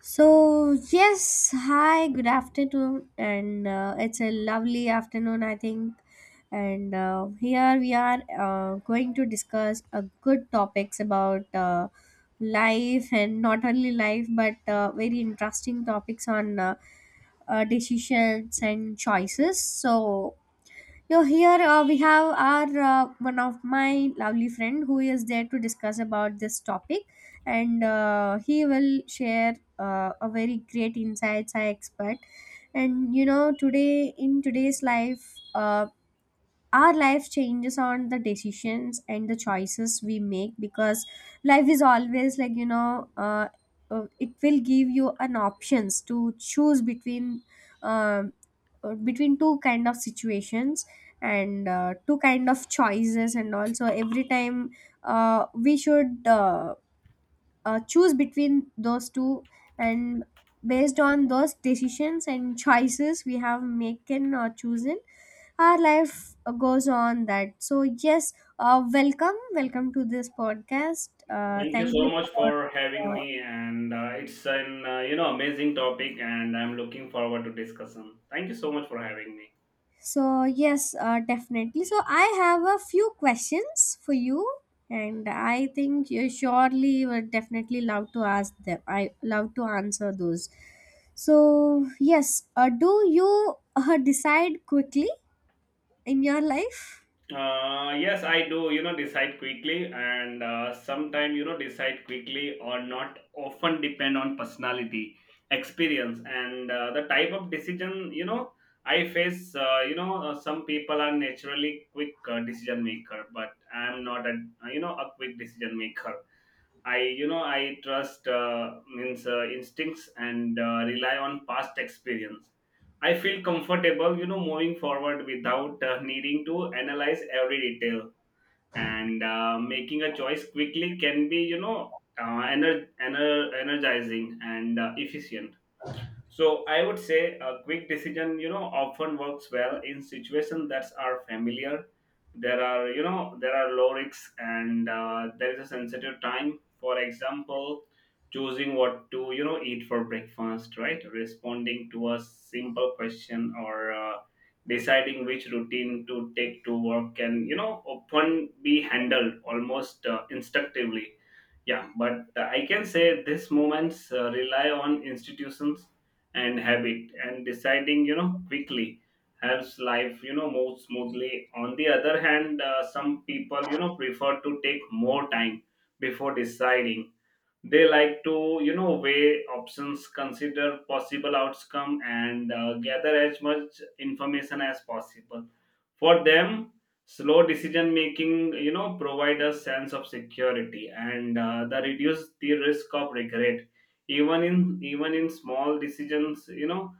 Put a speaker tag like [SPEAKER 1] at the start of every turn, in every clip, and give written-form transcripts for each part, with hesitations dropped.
[SPEAKER 1] So, yes, hi, good afternoon, and it's a lovely afternoon, I think. And here we are going to discuss a good topics about life, and not only life but very interesting topics on decisions and choices. So, here we have our one of my lovely friend who is there to discuss about this topic, and he will share a very great insights I expect. And you know, today in today's life, our life changes on the decisions and the choices we make because life is always like you know it will give you an options to choose between um between two kind of situations and two kind of choices, and also every time we should choose between those two, and based on those decisions and choices we have making or chosen, our life goes on that. So yes, welcome, welcome to this podcast.
[SPEAKER 2] Thank you
[SPEAKER 1] Thank
[SPEAKER 2] so
[SPEAKER 1] you
[SPEAKER 2] much for having
[SPEAKER 1] for
[SPEAKER 2] me, and it's an amazing topic, and I'm looking forward to discussion. Thank you so much for having me.
[SPEAKER 1] so yes, definitely, so I have a few questions for you, and I think you surely would definitely love to ask them, I love to answer those. So yes, do you decide quickly in your life?
[SPEAKER 2] Yes, I do. Decide quickly, and sometimes decide quickly or not often depend on personality, experience, and the type of decision. I face. Some people are naturally quick decision maker, but I'm not a a quick decision maker. I trust means instincts and rely on past experience. I feel comfortable, moving forward without needing to analyze every detail. And making a choice quickly can be, energizing and efficient. So I would say a quick decision, often works well in situations that are familiar. There are low risks and there is a sensitive time. For example, choosing what to, eat for breakfast, right? Responding to a simple question or deciding which routine to take to work can, often be handled almost instinctively. Yeah, but I can say these moments rely on institutions and habit, and deciding quickly helps life move smoothly. On the other hand, some people prefer to take more time before deciding. They like to weigh options, consider possible outcome, and gather as much information as possible. For them, slow decision making provide a sense of security and the reduce the risk of regret. Even in small decisions,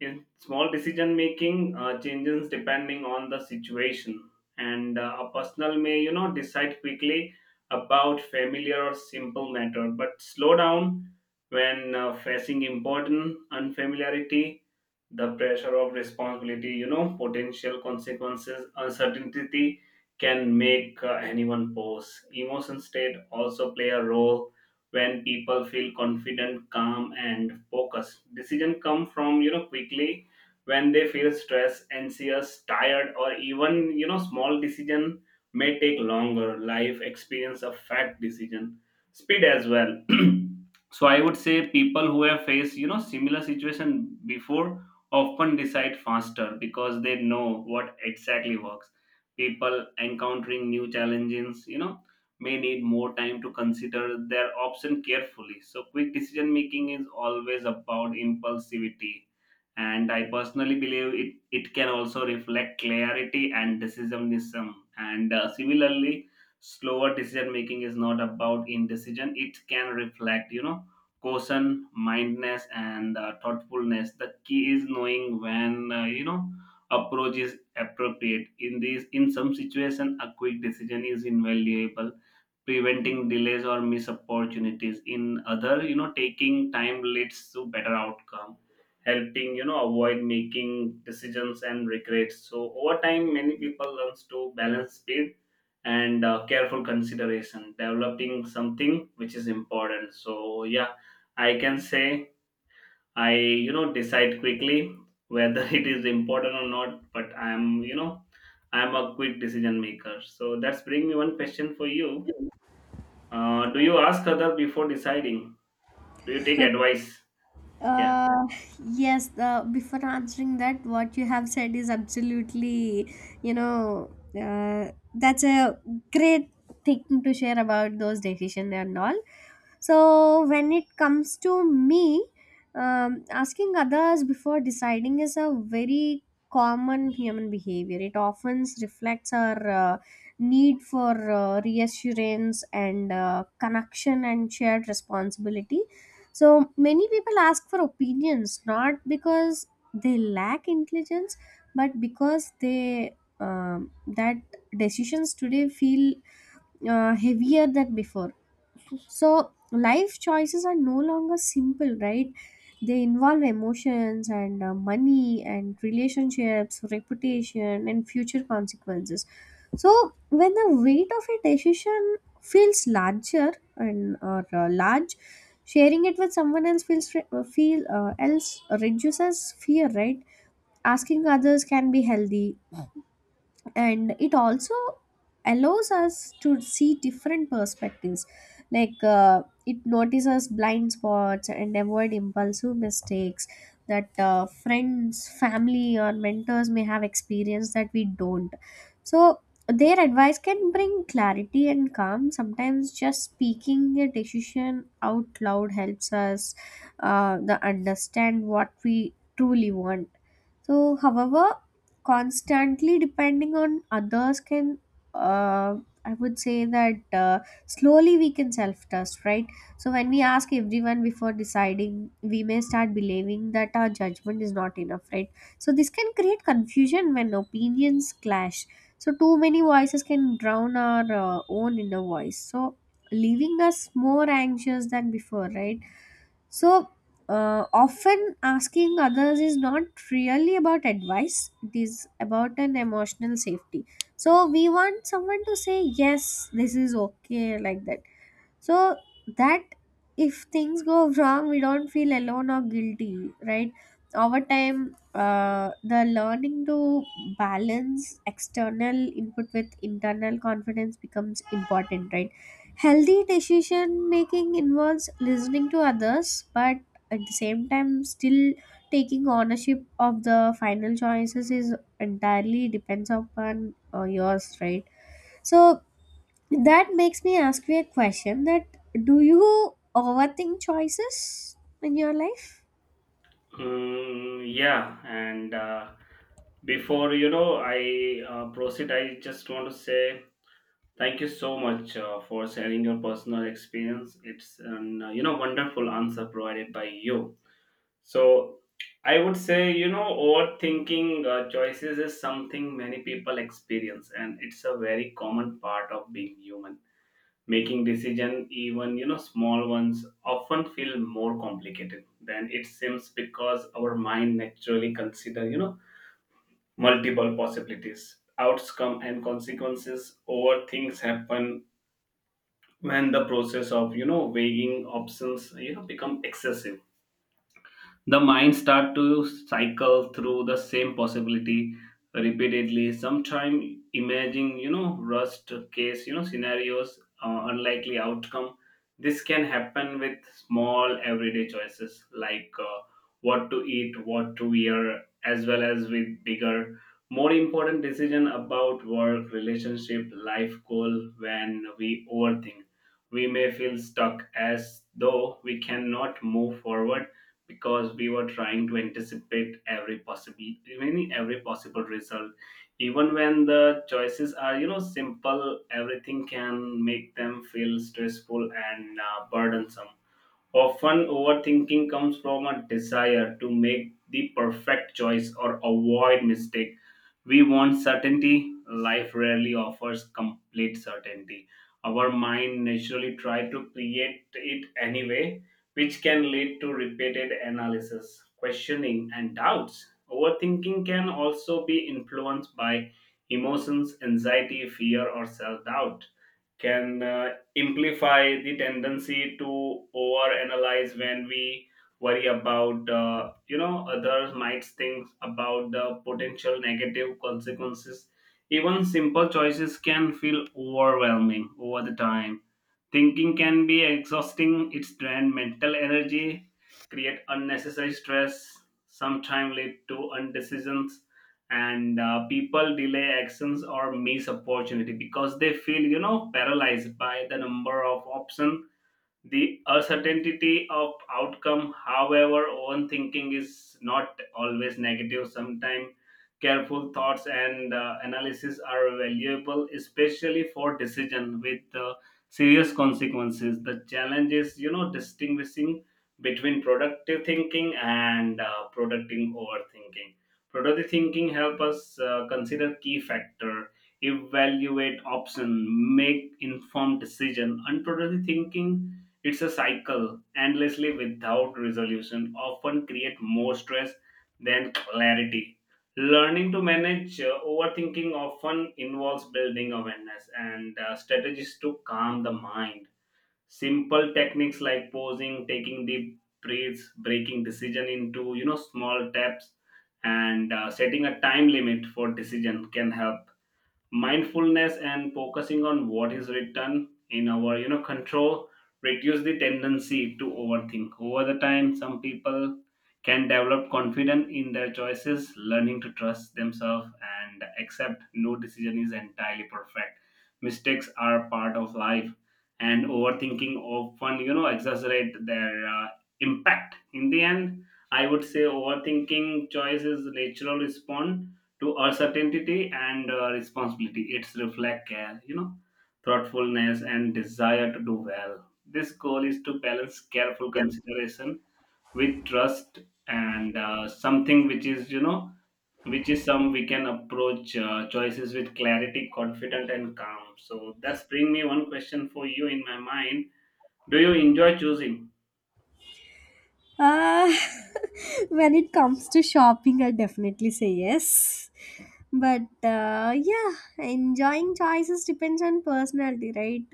[SPEAKER 2] in small decision making, changes depending on the situation. And a personal may decide quickly about familiar or simple matter, but slow down when facing important unfamiliarity. The pressure of responsibility, potential consequences, uncertainty can make anyone pause. Emotion state also play a role. When people feel confident, calm, and focused, decision come from quickly. When they feel stressed, anxious, tired, or even small decision may take longer. Life experience affect decision speed as well. So I would say people who have faced similar situation before often decide faster because they know what exactly works. People encountering new challenges, may need more time to consider their option carefully. So, quick decision making is always about impulsivity. And I personally believe it can also reflect clarity and decisionism. And similarly, slower decision making is not about indecision, it can reflect, caution, mindness, and thoughtfulness. The key is knowing when, approach is appropriate. In some situation a quick decision is invaluable, preventing delays or missed opportunities. In other, taking time leads to better outcome, helping avoid making decisions and regrets. So over time many people learns to balance speed and careful consideration, developing something which is important. So yeah, I can say I decide quickly whether it is important or not, but I'm I'm a quick decision maker. So that's bring me one question for you. Do you ask other before deciding? Do you take advice? Yeah.
[SPEAKER 1] Uh, yes, before answering that, what you have said is absolutely, you know, that's a great thing to share about those decisions and all. So, when it comes to me, asking others before deciding is a very common human behavior. It often reflects our need for reassurance and connection and shared responsibility. So many people ask for opinions not because they lack intelligence, but because they that decisions today feel heavier than before. So life choices are no longer simple, right? They involve emotions and money and relationships, reputation, and future consequences. So when the weight of a decision feels larger and or large, sharing it with someone else feels re- feel else reduces fear, right? Asking others can be healthy, and it also allows us to see different perspectives, like it notices blind spots and avoid impulsive mistakes that friends, family or mentors may have experienced that we don't. So their advice can bring clarity and calm. Sometimes just speaking a decision out loud helps us the understand what we truly want. So however, constantly depending on others can uh, I would say that slowly we can self trust, right? So when we ask everyone before deciding, we may start believing that our judgment is not enough, right? So this can create confusion when opinions clash. So too many voices can drown our own inner voice, so leaving us more anxious than before, right? So, often asking others is not really about advice, it is about an emotional safety. So, we want someone to say, yes, this is okay, like that. So that if things go wrong, we don't feel alone or guilty, right? Over time, the learning to balance external input with internal confidence becomes important, right? Healthy decision making involves listening to others, but at the same time, still taking ownership of the final choices is entirely depends upon yours, right? So that makes me ask you a question, that do you overthink choices in your life?
[SPEAKER 2] Mm, yeah. And before I proceed. I just want to say thank you so much for sharing your personal experience. It's an wonderful answer provided by you. So I would say, overthinking choices is something many people experience, and it's a very common part of being human. Making decision, even small ones, often feel more complicated than it seems because our mind naturally consider multiple possibilities, outcome, and consequences over things happen. When the process of weighing options become excessive, the mind start to cycle through the same possibility repeatedly, sometime imagining worst case scenarios, unlikely outcome. This can happen with small everyday choices like what to eat, what to wear, as well as with bigger, more important decision about work, relationship, life goal. When we overthink, we may feel stuck as though we cannot move forward because we were trying to anticipate every possible, even every possible result. Even when the choices are simple, everything can make them feel stressful and burdensome. Often, overthinking comes from a desire to make the perfect choice or avoid mistake. We want certainty. Life rarely offers complete certainty. Our mind naturally try to create it anyway, which can lead to repeated analysis, questioning, and doubts. Overthinking can also be influenced by emotions, anxiety, fear, or self doubt. Can amplify the tendency to overanalyze. When we worry about others might think about the potential negative consequences, even simple choices can feel overwhelming over the time. Thinking can be exhausting, it drain mental energy, create unnecessary stress, sometimes lead to undecisions, and people delay actions or miss opportunity because they feel, paralyzed by the number of options, the uncertainty of outcome. However, overthinking is not always negative. Sometimes careful thoughts and analysis are valuable, especially for decision with serious consequences. The challenge is, distinguishing between productive thinking and productive overthinking. Productive thinking help us consider key factor, evaluate option, make informed decision. Unproductive thinking, it's a cycle, endlessly without resolution, often create more stress than clarity. Learning to manage overthinking often involves building awareness and strategies to calm the mind. Simple techniques like pausing, taking deep breaths, breaking decision into small steps, and setting a time limit for decision can help. Mindfulness and focusing on what is written in our control reduce the tendency to overthink. Over the time some people can develop confidence in their choices, learning to trust themselves and accept no decision is entirely perfect. Mistakes are part of life, and overthinking often exaggerate their impact. In the end, I would say overthinking choice is natural response to uncertainty and responsibility. It's reflect care, thoughtfulness and desire to do well. This goal is to balance careful consideration with trust and something which is, which is some we can approach choices with clarity, confident and calm. So that's bring me one question for you in my mind. Do you enjoy choosing?
[SPEAKER 1] Uh, when it comes to shopping, I definitely say yes. But yeah, enjoying choices depends on personality, right?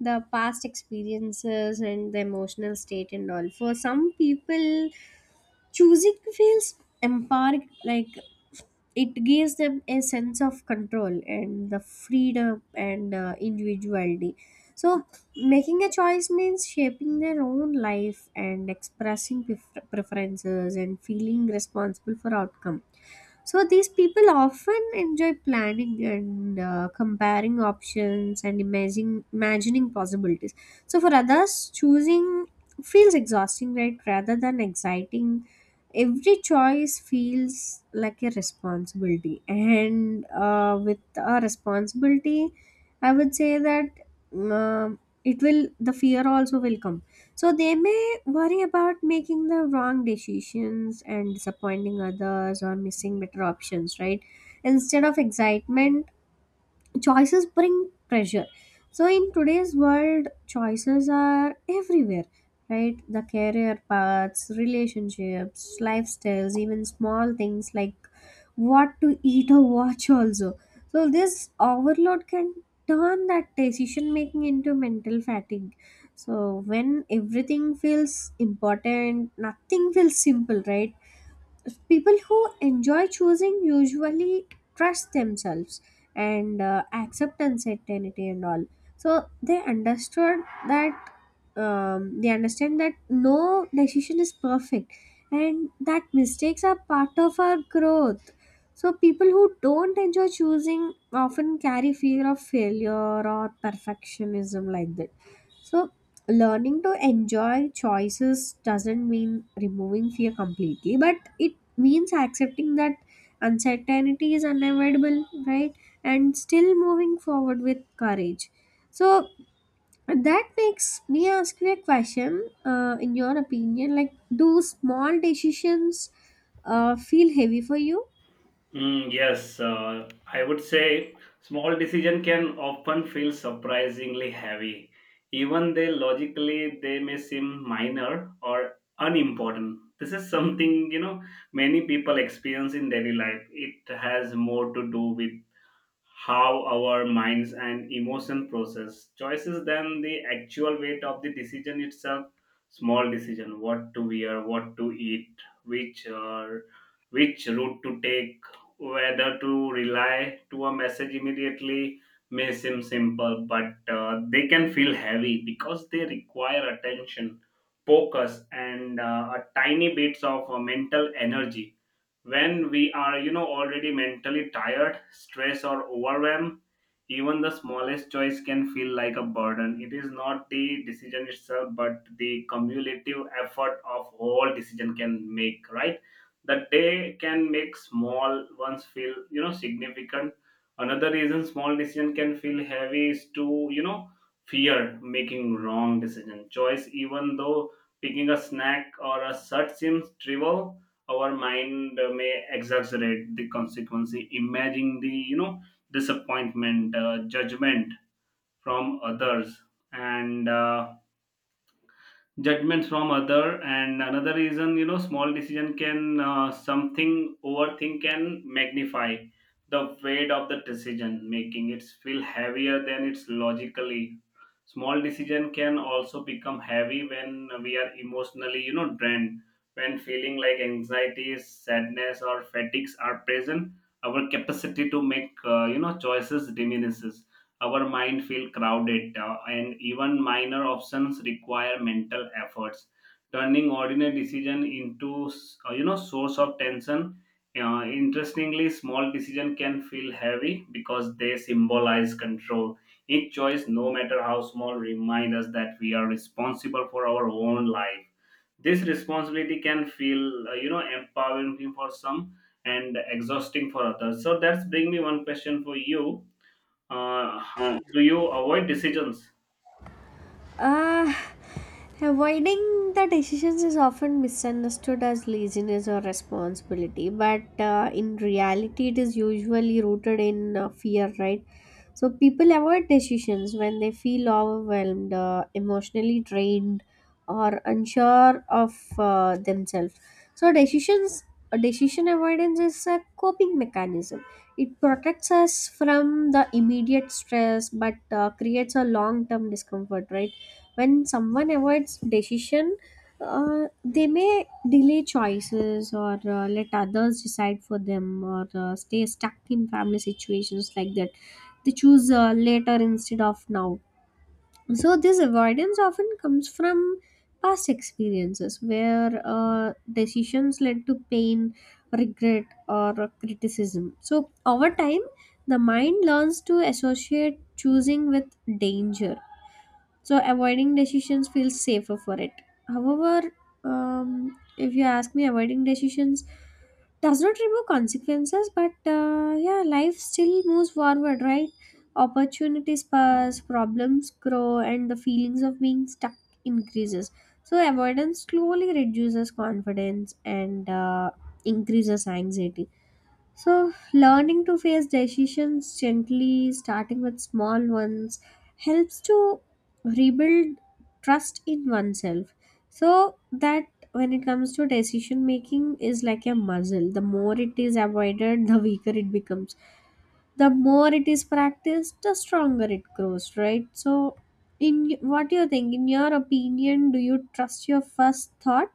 [SPEAKER 1] The past experiences and the emotional state and all. For some people, choosing feels empowering, like it gives them a sense of control and the freedom and individuality. So making a choice means shaping their own life and expressing preferences and feeling responsible for outcome. So these people often enjoy planning and comparing options and imagining possibilities. So for others, choosing feels exhausting, right? Rather than exciting, every choice feels like a responsibility, and with a responsibility, I would say that um it will the fear also will come. So they may worry about making the wrong decisions and disappointing others or missing better options, right? Instead of excitement, choices bring pressure. So in today's world choices are everywhere, right? The career paths, relationships, lifestyles, even small things like what to eat or watch also. So this overload can turn that decision making into mental fatigue. So when everything feels important, nothing feels simple, right? People who enjoy choosing usually trust themselves and accept uncertainty and all. So they understood that they understand that no decision is perfect and that mistakes are part of our growth. So people who don't enjoy choosing often carry fear of failure or perfectionism, like that. So learning to enjoy choices doesn't mean removing fear completely, but it means accepting that uncertainty is unavoidable, right? And still moving forward with courage. So that makes me ask you a question, in your opinion, like do small decisions feel heavy for you?
[SPEAKER 2] Mm, yes, I would say small decision can often feel surprisingly heavy, even they logically they may seem minor or unimportant. This is something many people experience in daily life. It has more to do with how our minds and emotion process choices than the actual weight of the decision itself. Small decision, what to wear, what to eat, which uh, which route to take, whether to rely to a message immediately, may seem simple, but they can feel heavy because they require attention, focus, and a tiny bits of mental energy. When we are already mentally tired, stressed, or overwhelmed, even the smallest choice can feel like a burden. It is not the decision itself but the cumulative effort of all decision can make, right? The day can make small ones feel significant. Another reason small decision can feel heavy is to fear making wrong decision choice. Even though picking a snack or a search seems trivial, our mind may exaggerate the consequence, imagining the disappointment, judgment from others, and judgments from other. And another reason, small decision can something overthink can magnify the weight of the decision, making it feel heavier than it's logically. Small decision can also become heavy when we are emotionally drained. When feeling like anxieties, sadness, or fatigues are present, our capacity to make choices diminishes. Our mind feel crowded, and even minor options require mental efforts, turning ordinary decision into source of tension. Interestingly, small decision can feel heavy because they symbolize control. Each choice, no matter how small, remind us that we are responsible for our own life. This responsibility can feel empowering for some and exhausting for others. So that's bring me one question for you. uh, do you avoid decisions?
[SPEAKER 1] Uh, avoiding the decisions is often misunderstood as laziness or responsibility, but in reality, it is usually rooted in fear, right? So, people avoid decisions when they feel overwhelmed, emotionally drained, or unsure of themselves. So, decision avoidance is a coping mechanism. It protects us from the immediate stress, but creates a long term discomfort, right? When someone avoids decision, they may delay choices or let others decide for them or stay stuck in family situations, like that. They choose later instead of now. So this avoidance often comes from past experiences where decisions led to pain, regret or criticism. So over time, the mind learns to associate choosing with danger, so avoiding decisions feels safer for it. However, if you ask me, avoiding decisions does not remove consequences, but yeah, life still moves forward, right? Opportunities pass, problems grow, and the feelings of being stuck increases. So avoidance slowly reduces confidence and increases anxiety. So, learning to face decisions gently, starting with small ones, helps to rebuild trust in oneself. So, that when it comes to decision making is like a muscle, the more it is avoided the weaker it becomes, the more it is practiced the stronger it grows, right? So in what do you think, in your opinion, do you trust your first thought?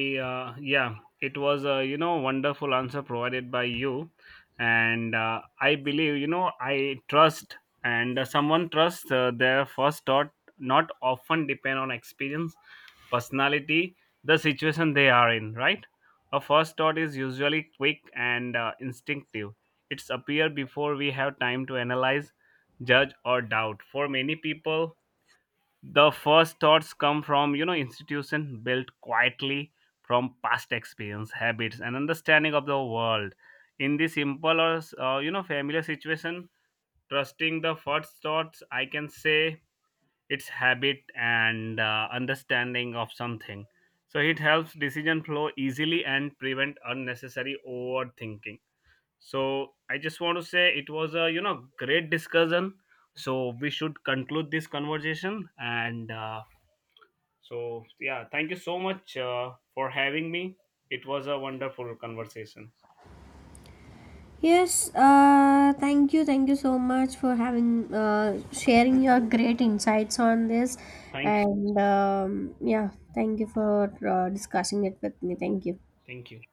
[SPEAKER 2] Yeah, it was a wonderful answer provided by you, and I believe I trust, and someone trusts their first thought not often depend on experience, personality, the situation they are in. Right, a first thought is usually quick and instinctive. It's appear before we have time to analyze, judge, or doubt. For many people, the first thoughts come from institution built quietly from past experience, habits, and understanding of the world. In this simple or familiar situation, trusting the first thoughts, I can say, it's habit and understanding of something, so it helps decision flow easily and prevent unnecessary overthinking. So I just want to say it was a great discussion. So we should conclude this conversation, and so, yeah, thank you so much for having me. It was a wonderful conversation.
[SPEAKER 1] Yes, thank you so much for having sharing your great insights on this,
[SPEAKER 2] Thank you.
[SPEAKER 1] and yeah, thank you for discussing it with me. Thank you.
[SPEAKER 2] Thank you.